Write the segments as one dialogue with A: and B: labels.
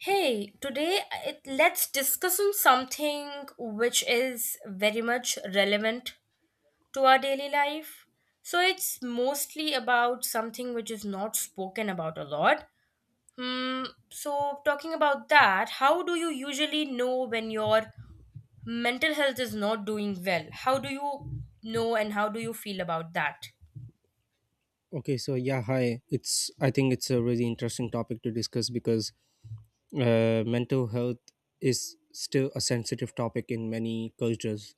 A: Hey, today let's discuss on something which is very much relevant to our daily life. So it's mostly about something which is not spoken about a lot. Hmm, so talking about that, how do you usually know when your mental health is not doing well? How do you know and how do you feel about that?
B: Okay, so yeah, hi. It's I think it's a really interesting topic to discuss because mental health is still a sensitive topic in many cultures,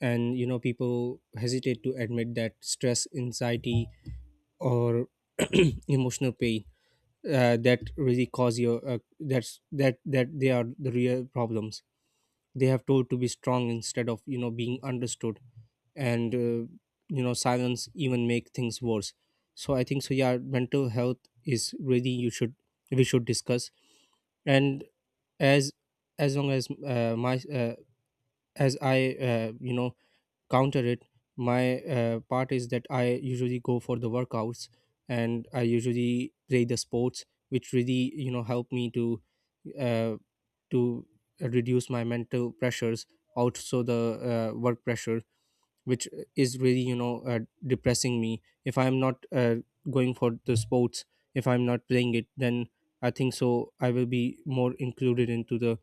B: and you know people hesitate to admit that stress, anxiety, or emotional pain that really cause your that's that that they are the real problems. They have told to be strong instead of you know being understood, and you know silence even make things worse. So I think so yeah mental health is really you should we should discuss. And as as long as my as I you know counter it, my part is that I usually go for the workouts, and I usually play the sports which really you know help me to uh, to reduce my mental pressures. Also the work pressure, which is really you know depressing me if I'm not going for the sports. If I'm not playing it, then I think so I will be more included into the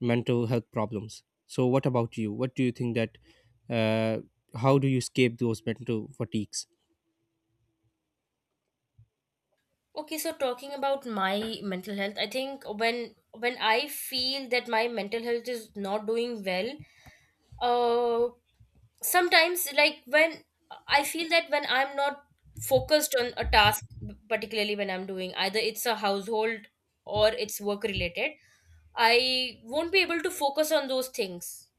B: mental health problems. So what about you, what do you think that, uh, how do you escape those mental fatigues?
A: Okay, so talking about my mental health, I think when I feel that my mental health is not doing well, uh sometimes, like when I feel that when I'm not focused on a task, particularly when I'm doing, either it's a household or it's work related, I won't be able to focus on those things.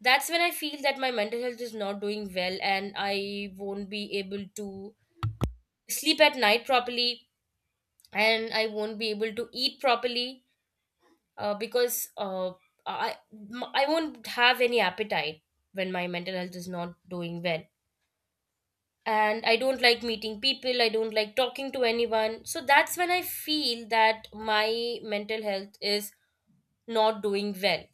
A: That's when I feel that my mental health is not doing well, and I won't be able to sleep at night properly, and I won't be able to eat properly because i I won't have any appetite when my mental health is not doing well. And I don't like meeting people, I don't like talking to anyone. So that's when I feel that my mental health is not doing well.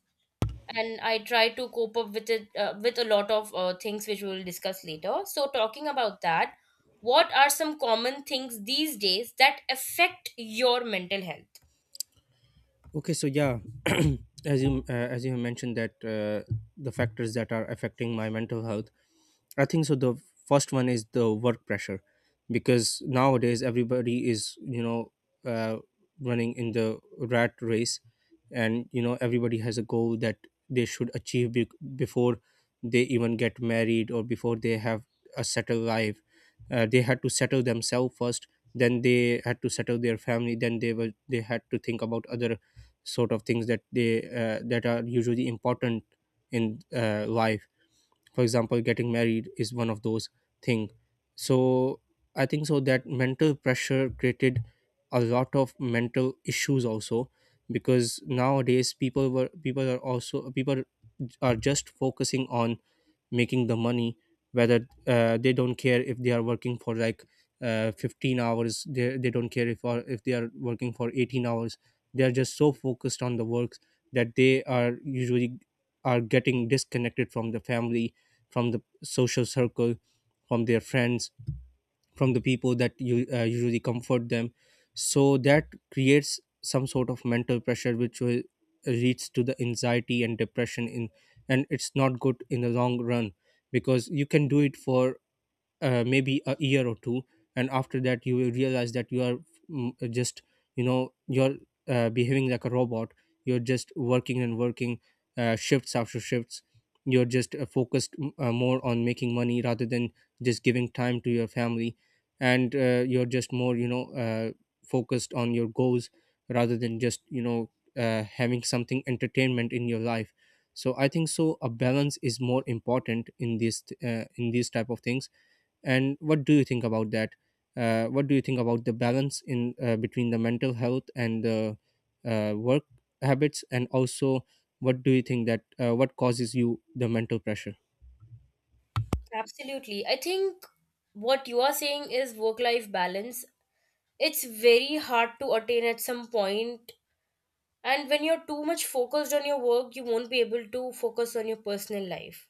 A: And I try to cope up with it with a lot of things which we will discuss later. So, talking about that, what are some common things these days that affect your mental health?
B: Okay, so yeah, as you have mentioned that, the factors that are affecting my mental health, I think so. The first one is the work pressure, because nowadays everybody is you know uh, running in the rat race, and you know everybody has a goal that they should achieve before they even get married, or before they have a settled life. They had to settle themselves first, then they had to settle their family, then they had to think about other sort of things that they that are usually important in life. For example, getting married is one of those things. So I think so that mental pressure created a lot of mental issues also, because nowadays people are just focusing on making the money. Whether they don't care if they are working for like 15 hours, they don't care if, or if they are working for 18 hours, they are just so focused on the works, that they are usually are getting disconnected from the family, from the social circle, from their friends, from the people that you usually comfort them. So that creates some sort of mental pressure which will leads to the anxiety and depression in, and it's not good in the long run, because you can do it for maybe a year or two, and after that you will realize that you are just you know you're behaving like a robot. You're just working and working, shifts after shifts. You're just focused more on making money rather than just giving time to your family. And you're just more you know focused on your goals rather than just you know having something entertainment in your life. So I think so a balance is more important in this in these type of things. And what do you think about that, what do you think about the balance in, between the mental health and the work habits? And also, what do you think that, what causes you the mental pressure?
A: Absolutely. I think what you are saying is work life balance. It's very hard to attain at some point, and when you're too much focused on your work you won't be able to focus on your personal life,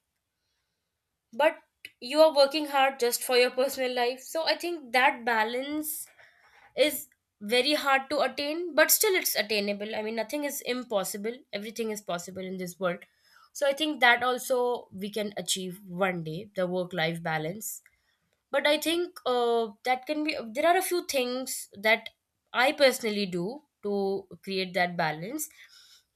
A: but you are working hard just for your personal life. So I think that balance is very hard to attain, but still it's attainable. I mean, nothing is impossible, everything is possible in this world, so I think that also we can achieve one day the work life balance. But I think, that can be there are a few things that I personally do to create that balance.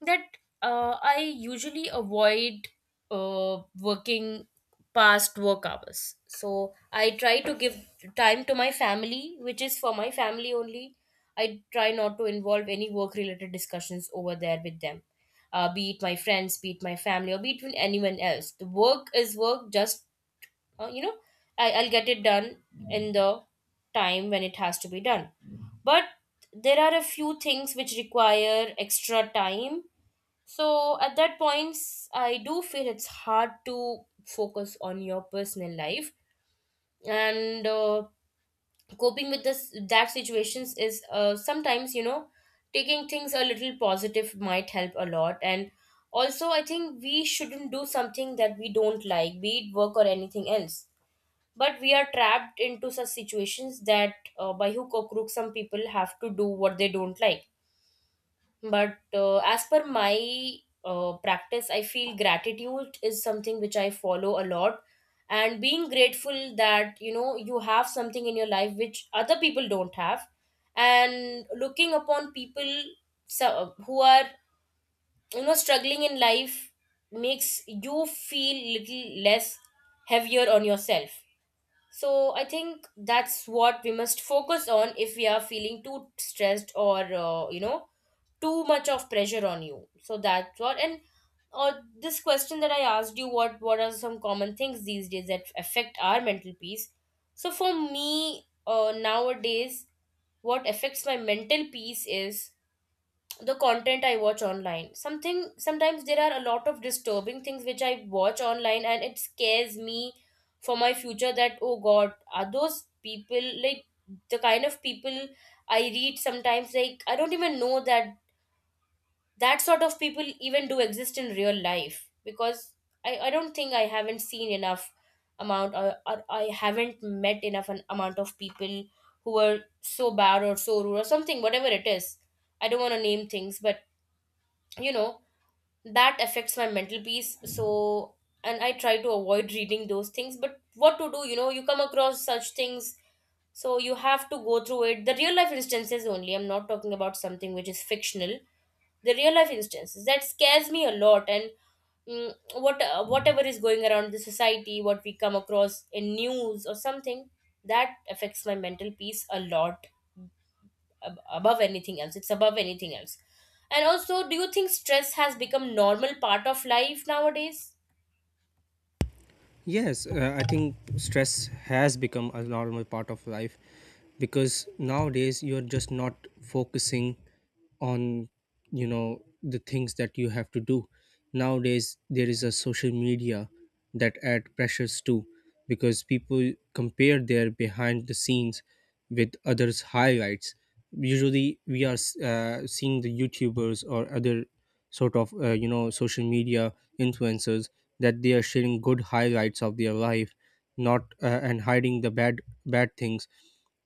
A: That uh, i usually avoid uh, working past work hours. So I try to give time to my family, which is for my family only. I try not to involve any work related discussions over there with them. Be it my friends, be it my family, or be it with anyone else, the work is work. Just, uh, you know I'll get it done in the time when it has to be done. But there are a few things which require extra time, so at that points I do feel it's hard to focus on your personal life. And coping with this that situations is, sometimes, you know, taking things a little positive might help a lot. And also I think we shouldn't do something that we don't like, be it work or anything else, but we are trapped into such situations that, by hook or crook, some people have to do what they don't like. But as per my practice, I feel gratitude is something which I follow a lot, and being grateful that you have something in your life which other people don't have. And looking upon people, so, who are struggling in life, makes you feel little less heavier on yourself. So I think that's what we must focus on if we are feeling too stressed or, too much of pressure on you. So that's what. And uh, this question that I asked you, what are some common things these days that affect our mental peace? So for me, nowadays, what affects my mental peace is the content I watch online. Something Sometimes there are a lot of disturbing things which I watch online, and it scares me for my future, that oh god, are those people like the kind of people I read sometimes? Like, I don't even know that that sort of people even do exist in real life, because I don't think, I haven't seen enough amount, or I haven't met enough an amount of people who are so bad or so rude or something, whatever it is. I don't want to name things, but you know that affects my mental peace. So, and I try to avoid reading those things, but what to do, you come across such things, so you have to go through it. The real life instances only, I'm not talking about something which is fictional. The real life instances, that scares me a lot. And whatever is going around the society, what we come across in news or something, that affects my mental peace a lot. Above anything else, it's above anything else. And also, do you think stress has become normal part of life nowadays?
B: Yes, I think stress has become a normal part of life, because nowadays you're just not focusing on you know the things that you have to do. Nowadays there is a social media that add pressures too, because people compare their behind the scenes with others' highlights. Usually we are seeing the YouTubers or other sort of you know social media influencers, that they are sharing good highlights of their life, not and hiding the bad things.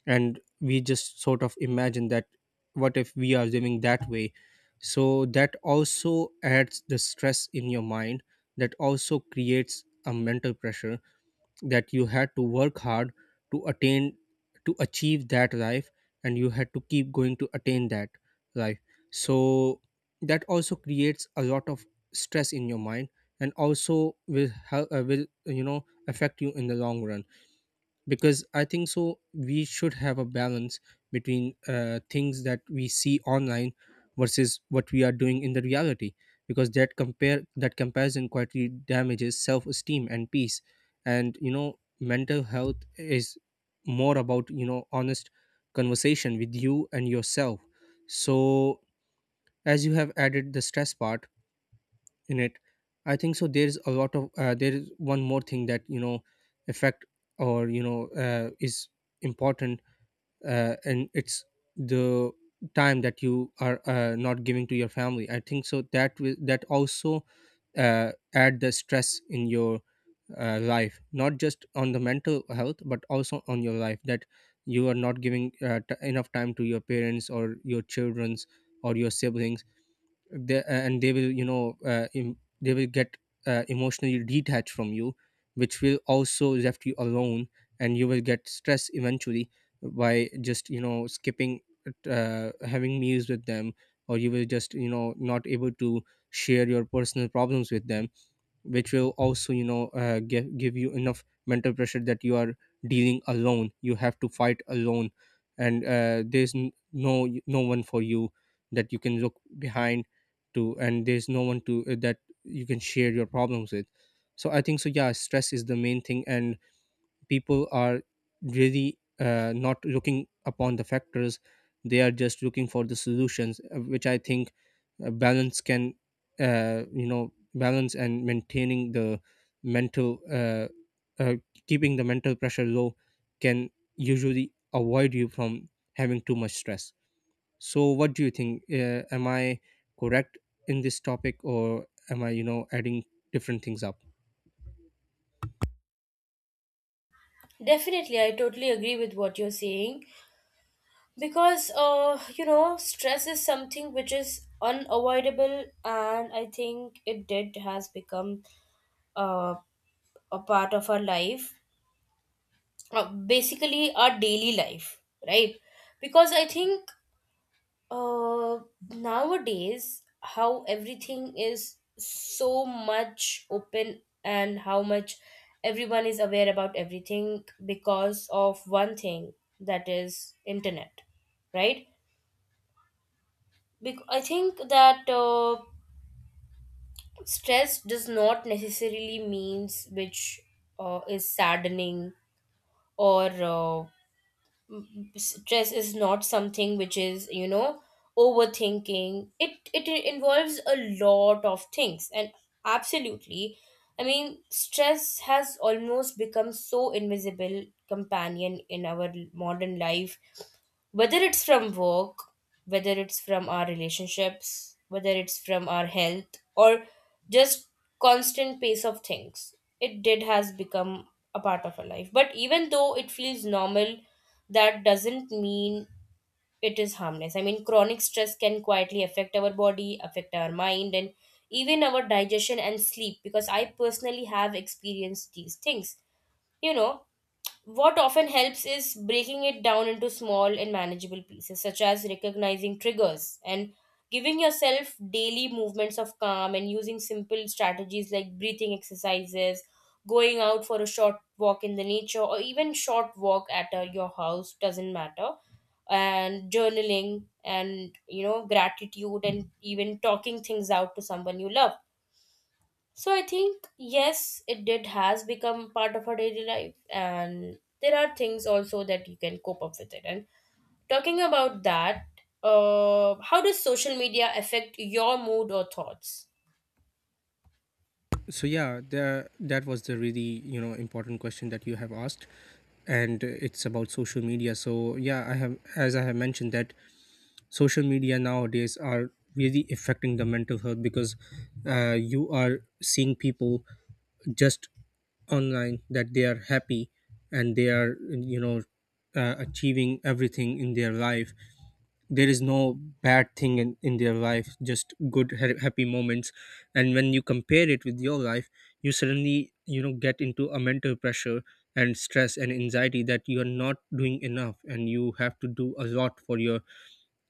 B: And we just sort of imagine that, what if we are living that way? So that also adds the stress in your mind. That also creates a mental pressure that you had to work hard to attain, to achieve that life, and you had to keep going to attain that life. So that also creates a lot of stress in your mind, and also will help, will you know affect you in the long run, because I think so we should have a balance between, things that we see online versus what we are doing in the reality. Because that compare that comparison quietly damages self-esteem and peace. And you know mental health is more about you know honest conversation with you and yourself. So as you have added the stress part in it, I think so there's a lot of there is one more thing, that you know effect, or you know is important, and it's the time that you are not giving to your family. I think so that will, that also add the stress in your life, not just on the mental health but also on your life, that you are not giving enough time to your parents or your children's or your siblings. And they will you know they will get emotionally detached from you, which will also left you alone, and you will get stress eventually, by just you know skipping having meals with them, or you will just you know not able to share your personal problems with them, which will also you know give you enough mental pressure, that you are dealing alone, you have to fight alone. And there's no one for you that you can look behind to, and there's no one to that you can share your problems with. So I think so yeah, stress is the main thing, and people are really not looking upon the factors, they are just looking for the solutions, which I think balance can you know, balance and maintaining the mental uh, keeping the mental pressure low can usually avoid you from having too much stress. So what do you think, am I correct in this topic, or am I you know adding different things up?
A: Definitely, I totally agree with what you're saying, because stress is something which is unavoidable, and I think it did has become uh, a part of our life, basically our daily life, right? Because I think, Uh, nowadays, how everything is so much open and how much everyone is aware about everything, because of one thing, that is internet, right? I think that stress does not necessarily means which is saddening, or stress is not something which is overthinking. It involves a lot of things, and absolutely, I mean, stress has almost become so invisible companion in our modern life, whether it's from work, whether it's from our relationships, whether it's from our health, or just constant pace of things. It did has become a part of our life. But even though it feels normal, that doesn't mean it is harmless. I mean, chronic stress can quietly affect our body, affect our mind, and even our digestion and sleep, because I personally have experienced these things. You know, what often helps is breaking it down into small and manageable pieces, such as recognizing triggers and giving yourself daily movements of calm and using simple strategies like breathing exercises, going out for a short walk in the nature, or even short walk at, your house, doesn't matter. And journaling, and gratitude, and even talking things out to someone you love. So I think yes, it did has become part of our daily life, and there are things also that you can cope up with it. And talking about that, how does social media affect your mood or thoughts?
B: So yeah, that was the really you know important question that you have asked. And it's about social media. So yeah, I have as I have mentioned that, social media nowadays are really affecting the mental health, because you are seeing people just online that they are happy, and they are you know achieving everything in their life. There is no bad thing in their life, just good happy moments. And when you compare it with your life, you suddenly you know get into a mental pressure and stress and anxiety, that you are not doing enough, and you have to do a lot for your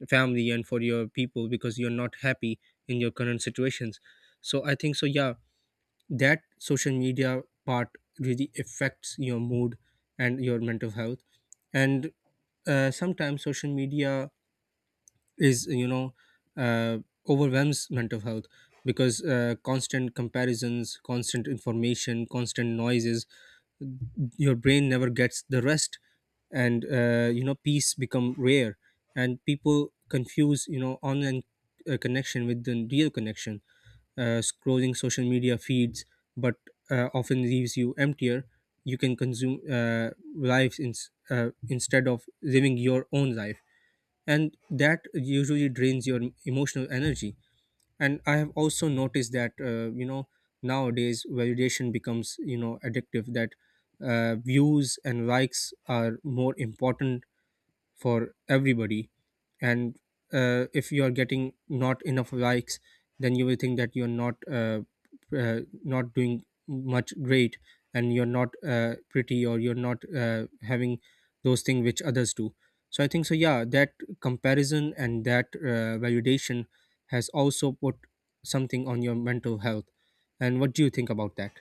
B: family and for your people, because you're not happy in your current situations. So I think so yeah, that social media part really affects your mood and your mental health. And sometimes social media is you know uh, overwhelms mental health, because constant comparisons, constant information, constant noises, your brain never gets the rest. And you know peace become rare, and people confuse you know online connection with the real connection. Uh, scrolling social media feeds, but often leaves you emptier. You can consume lives in, instead of living your own life, and that usually drains your emotional energy. And I have also noticed that, you know nowadays validation becomes you know addictive, that views and likes are more important for everybody. And if you are getting not enough likes, then you will think that you're not doing much great, and you're not pretty, or you're not having those things which others do. So I think so yeah, that comparison and that validation has also put something on your mental health. And what do you think about that?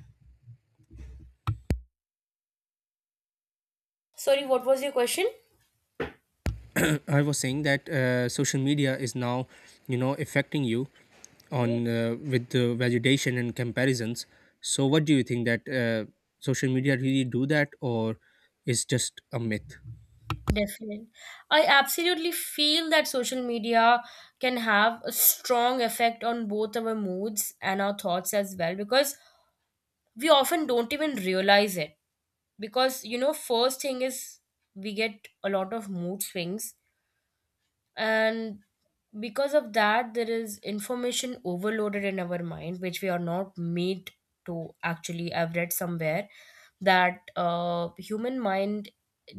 A: Sorry, what was your question?
B: I was saying that social media is now, you know, affecting you
A: Yeah,
B: on with the validation and comparisons. So, what do you think that social media really do that, or is just a myth?
A: definitely. I absolutely feel that social media can have a strong effect on both our moods and our thoughts as well, because we often don't even realize it. Because first thing is, we get a lot of mood swings, and because of that, there is information overloaded in our mind, which we are not made to. Actually, I've read somewhere that human mind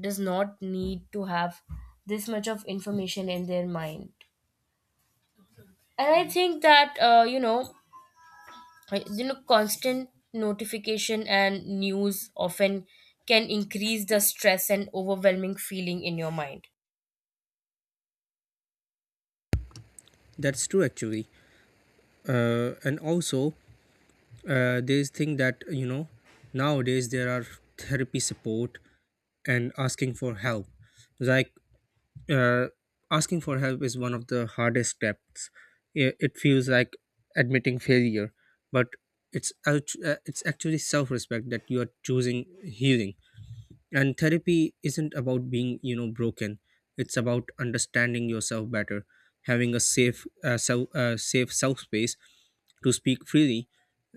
A: does not need to have this much of information in their mind. And I think that constant notification and news often can increase the stress and overwhelming feeling in your mind.
B: That's true, actually. And also, there's thing that you know nowadays there are therapy support and asking for help. Like uh, asking for help is one of the hardest steps. It feels like admitting failure, but it's actually self-respect that you are choosing healing, and therapy isn't about being broken. It's about understanding yourself better, having a safe safe self space to speak freely.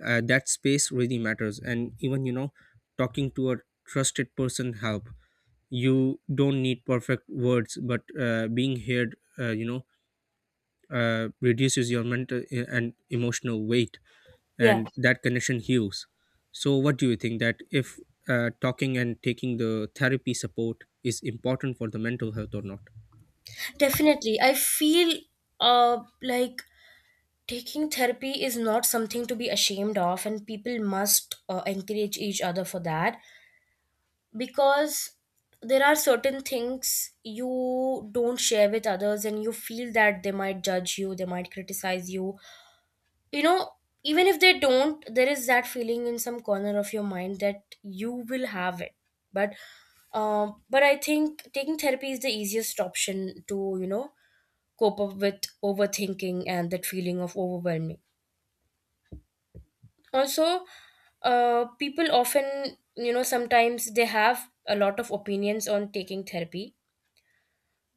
B: That space really matters, and even talking to a trusted person help. You don't need perfect words, but being heard, reduces your mental and emotional weight,
A: Yeah,
B: and that connection heals. So what do you think, that if talking and taking the therapy support is important for the mental health or not?
A: definitely. I feel, like, taking therapy is not something to be ashamed of, and people must encourage each other for that, because there are certain things you don't share with others, and you feel that they might judge you, they might criticize you. You know Even if they don't, there is that feeling in some corner of your mind that you will have it. But but I think taking therapy is the easiest option to, cope up with overthinking and that feeling of overwhelming. Also, people often, sometimes they have a lot of opinions on taking therapy.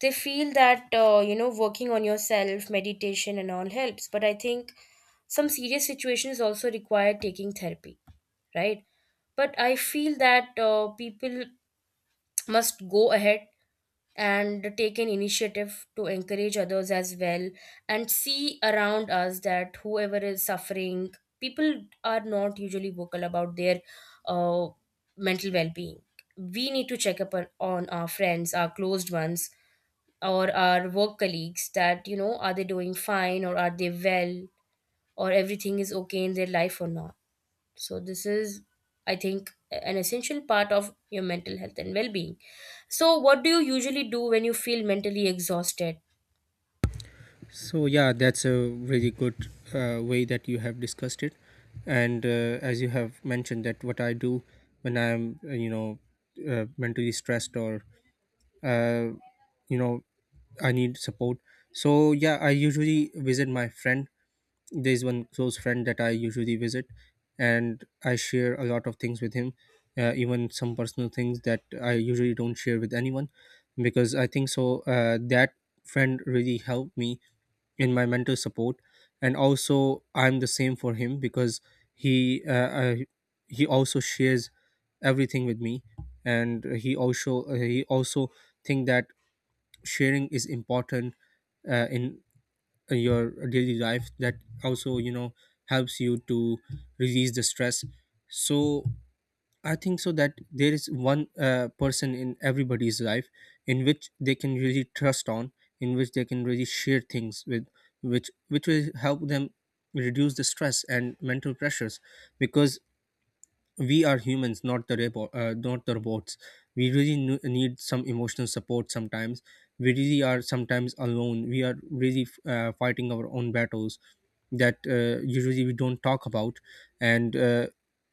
A: They feel that working on yourself, meditation and all helps, but I think some serious situations also require taking therapy, right? But I feel that people must go ahead and take an initiative to encourage others as well, and see around us that whoever is suffering, people are not usually vocal about their uh, mental well-being. We need to check up on our friends, our closed ones, or our work colleagues, that, are they doing fine, or are they well, or everything is okay in their life or not. So, this is, I think, an essential part of your mental health and well being. So, what do you usually do when you feel mentally exhausted?
B: So yeah, that's a really good way that you have discussed it. And as you have mentioned, that what I do when I'm mentally stressed, or uh, you know I need support. So yeah, I usually visit my friend. There's one close friend that I usually visit, and I share a lot of things with him, even some personal things that I usually don't share with anyone, because I think so. That friend really helped me in my mental support, and also I'm the same for him because he he also shares everything with me, and he also think that sharing is important in your daily life, that also helps you to release the stress. So I think so that there is one person in everybody's life in which they can really trust on, in which they can really share things with, which will help them reduce the stress and mental pressures. Because we are humans, not the not the robots. We really need some emotional support sometimes. We really are sometimes alone, we are really fighting our own battles that usually we don't talk about. And uh,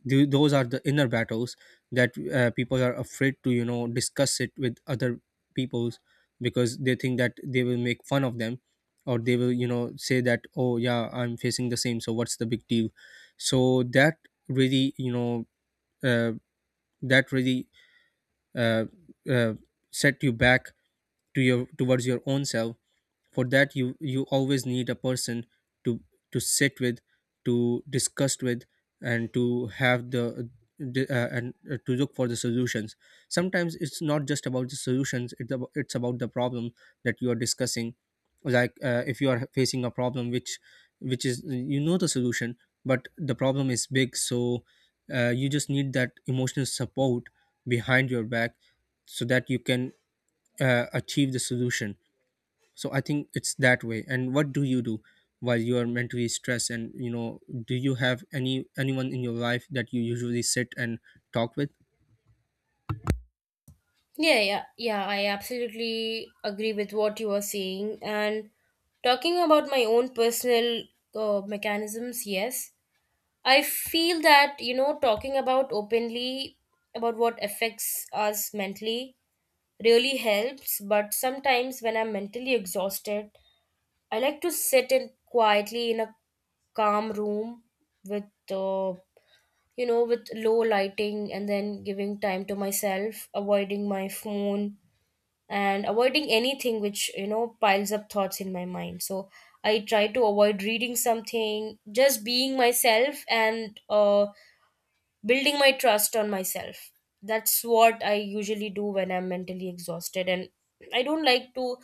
B: th- those are the inner battles that people are afraid to discuss it with other peoples, because they think that they will make fun of them, or they will say that, oh yeah, I'm facing the same, so what's the big deal. So that really, uh, that really uh, uh, set you back to your, towards your own self. For that, you always need a person to to sit with, to discuss with, and to have the, and to look for the solutions. Sometimes it's not just about the solutions, it's about the problem that you are discussing. Like if you are facing a problem which is the solution, but the problem is big, so you just need that emotional support behind your back, so that you can achieve the solution. So I think it's that way. And what do you do while you are mentally stressed, and do you have any, anyone in your life that you usually sit and talk with?
A: Yeah, yeah, yeah, I absolutely agree with what you are saying. And talking about my own personal mechanisms, yes, I feel that, talking about openly about what affects us mentally really helps. But sometimes when I'm mentally exhausted, I like to sit in quietly in a calm room with, uh, with low lighting and then giving time to myself, avoiding my phone and avoiding anything which, piles up thoughts in my mind. So I try to avoid reading something, just being myself and, building my trust on myself. That's what I usually do when I'm mentally exhausted, and I don't like to.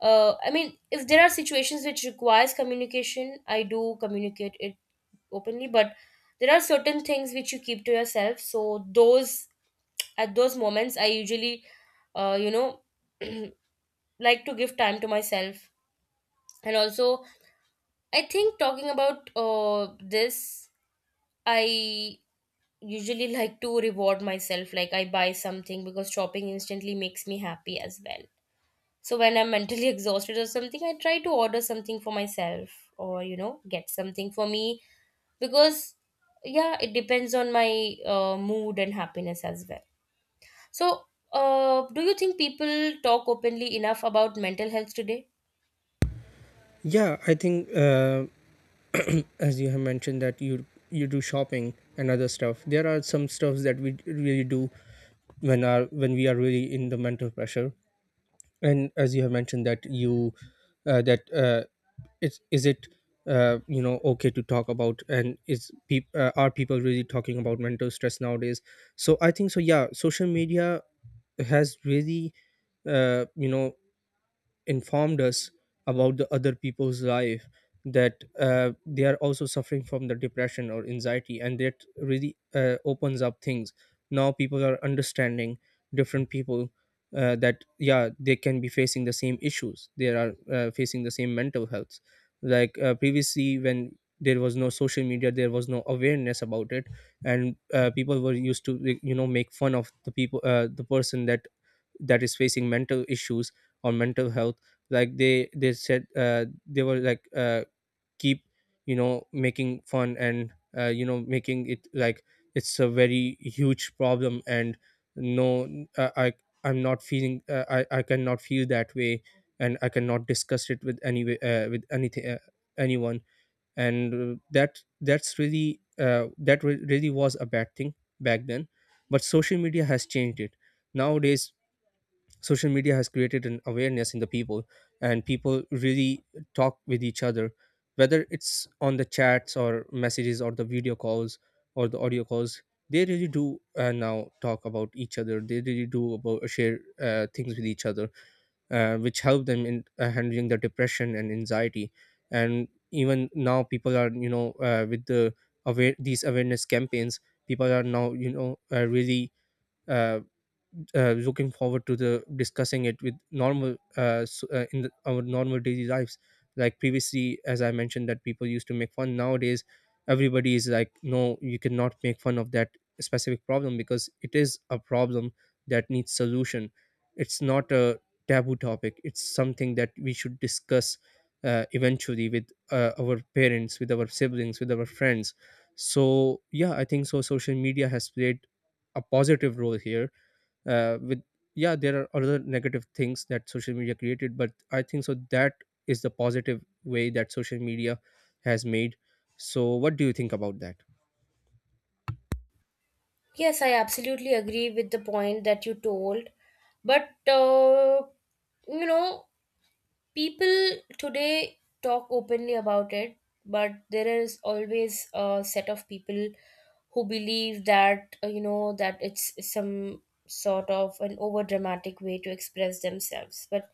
A: If there are situations which requires communication, I do communicate it openly. But there are certain things which you keep to yourself. So those at those moments, I usually, uh, you know, like to give time to myself, and also I think talking about this, I usually like to reward myself, like I buy something because shopping instantly makes me happy as well. So when I'm mentally exhausted or something, I try to order something for myself or get something for me, because, yeah, it depends on my mood and happiness as well. So do you think people talk openly enough about mental health today?
B: Yeah, I think as you have mentioned that you do shopping and other stuff, there are some stuffs that we really do when are, when we are really in the mental pressure. And as you have mentioned that you, that it's, is it okay to talk about, and is peop are people really talking about mental stress nowadays? So I think so, yeah, social media has really uh, you know informed us about the other people's life, that they are also suffering from the depression or anxiety, and that really opens up things. Now people are understanding different people, that yeah, they can be facing the same issues, they are facing the same mental health. Like previously, when there was no social media, there was no awareness about it. And people were used to, like, make fun of the people, the person that, that is facing mental issues or mental health. Like they said, they were like keep making fun, and making it like it's a very huge problem, and no, uh, i I'm not feeling, I cannot feel that way, and I cannot discuss it with any, with anything, anyone. And that, that's really that really was a bad thing back then. But social media has changed it. Nowadays, social media has created an awareness in the people, and people really talk with each other, whether it's on the chats or messages or the video calls or the audio calls. They really do now talk about each other, they really do about share things with each other, which help them in handling the depression and anxiety. And even now people are, with the aware, these awareness campaigns, people are now, really uh, looking forward to the discussing it with normal, in the, our normal daily lives. Like previously, as I mentioned, that people used to make fun, nowadays everybody is like, no, you cannot make fun of that specific problem, because it is a problem that needs solution. It's not a taboo topic, it's something that we should discuss eventually with our parents, with our siblings, with our friends. So yeah, I think so social media has played a positive role here, with yeah, there are other negative things that social media created, but I think so that is the positive way that social media has made. So what do you think about that?
A: Yes, I absolutely agree with the point that you told, but you know people today talk openly about it, but there is always a set of people who believe that, that it's some sort of an over dramatic way to express themselves. But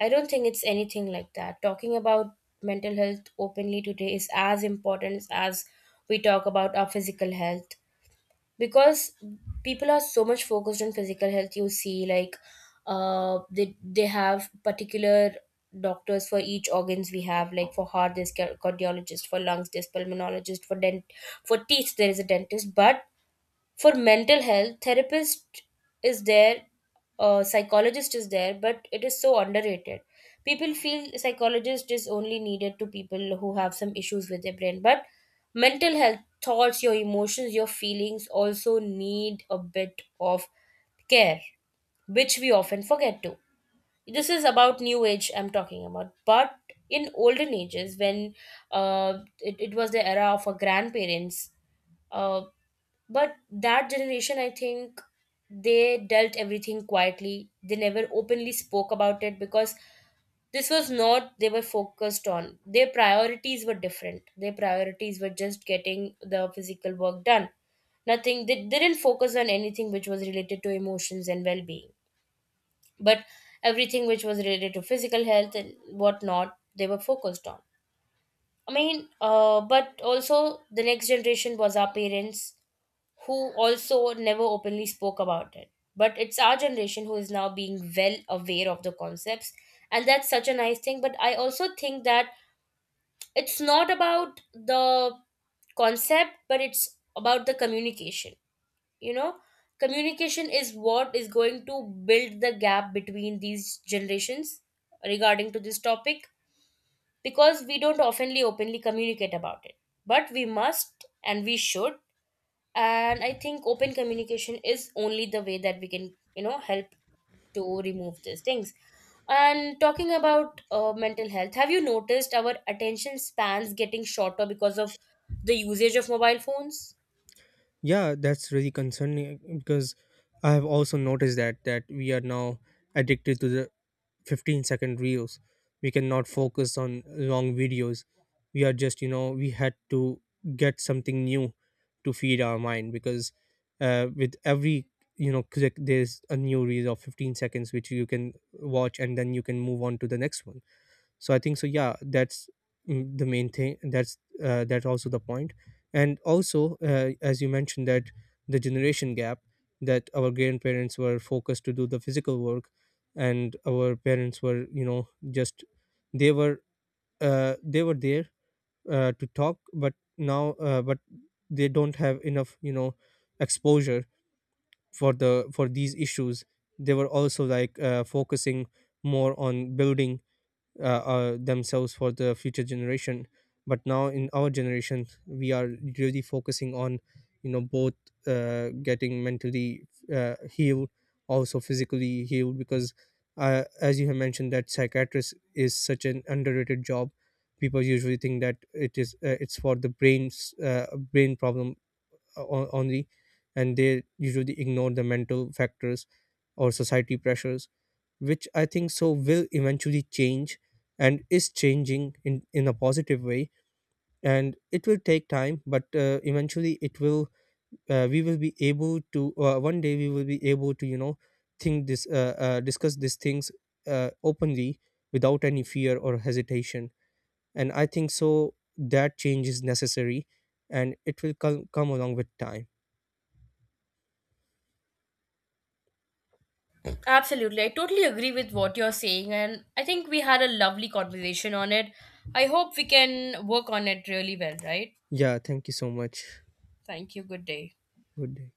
A: I don't think it's anything like that. Talking about mental health openly today is as important as we talk about our physical health. Because people are so much focused on physical health, you see, like, uh, they have particular doctors for each organs. We have, like, for heart there's cardiologist, for lungs there's pulmonologist, for dent for teeth there is a dentist. But for mental health, therapist is there, psychologist is there, but it is so underrated. People feel psychologist is only needed to people who have some issues with their brain. But mental health, thoughts, your emotions, your feelings also need a bit of care, which we often forget to. This is about new age I'm talking about. But in olden ages, when it was the era of our grandparents, uh, but that generation, I think, they dealt everything quietly. They never openly spoke about it because this was not they were focused on. Their priorities were different. Their priorities were just getting the physical work done. Nothing. They didn't focus on anything which was related to emotions and well being. But everything which was related to physical health and whatnot, they were focused on. But also the next generation was our parents, who also never openly spoke about it. But it's our generation who is now being well aware of the concepts, and that's such a nice thing. But I also think that it's not about the concept, but it's about the communication. You know, communication is what is going to build the gap between these generations regarding to this topic, because we don't oftenly openly communicate about it. But we must and we should. And I think open communication is only the way that we can, you know, help to remove these things. And talking about mental health, have you noticed our attention spans getting shorter because of the usage of mobile phones?
B: Yeah, that's really concerning, because I have also noticed that, that we are now addicted to the 15-second reels. We cannot focus on long videos. We are just, we had to get something new to feed our mind, because with every, click, there's a new reel of 15 seconds, which you can watch and then you can move on to the next one. So I think so, yeah, that's, mm, the main thing, that's that also the point. And also as you mentioned that the generation gap, that our grandparents were focused to do the physical work, and our parents were, just they were, they were there to talk, but now but they don't have enough, exposure for the, for these issues. They were also like focusing more on building themselves for the future generation. But now in our generation, we are really focusing on, both getting mentally healed, also physically healed. Because as you have mentioned, that psychiatrist is such an underrated job. People usually think that it is, it's for the brain problem, only, and they usually ignore the mental factors or society pressures, which I think so will eventually change and is changing in a positive way. And it will take time, but eventually it will, we will be able to, one day we will be able to, discuss these things openly, without any fear or hesitation. And I think so that change is necessary, and it will come along with time.
A: Absolutely, I totally agree with what you're saying, and I think we had a lovely conversation on it. I hope we can work on it really well, right?
B: Yeah, thank you so much.
A: Thank you. Good day.
B: Good day.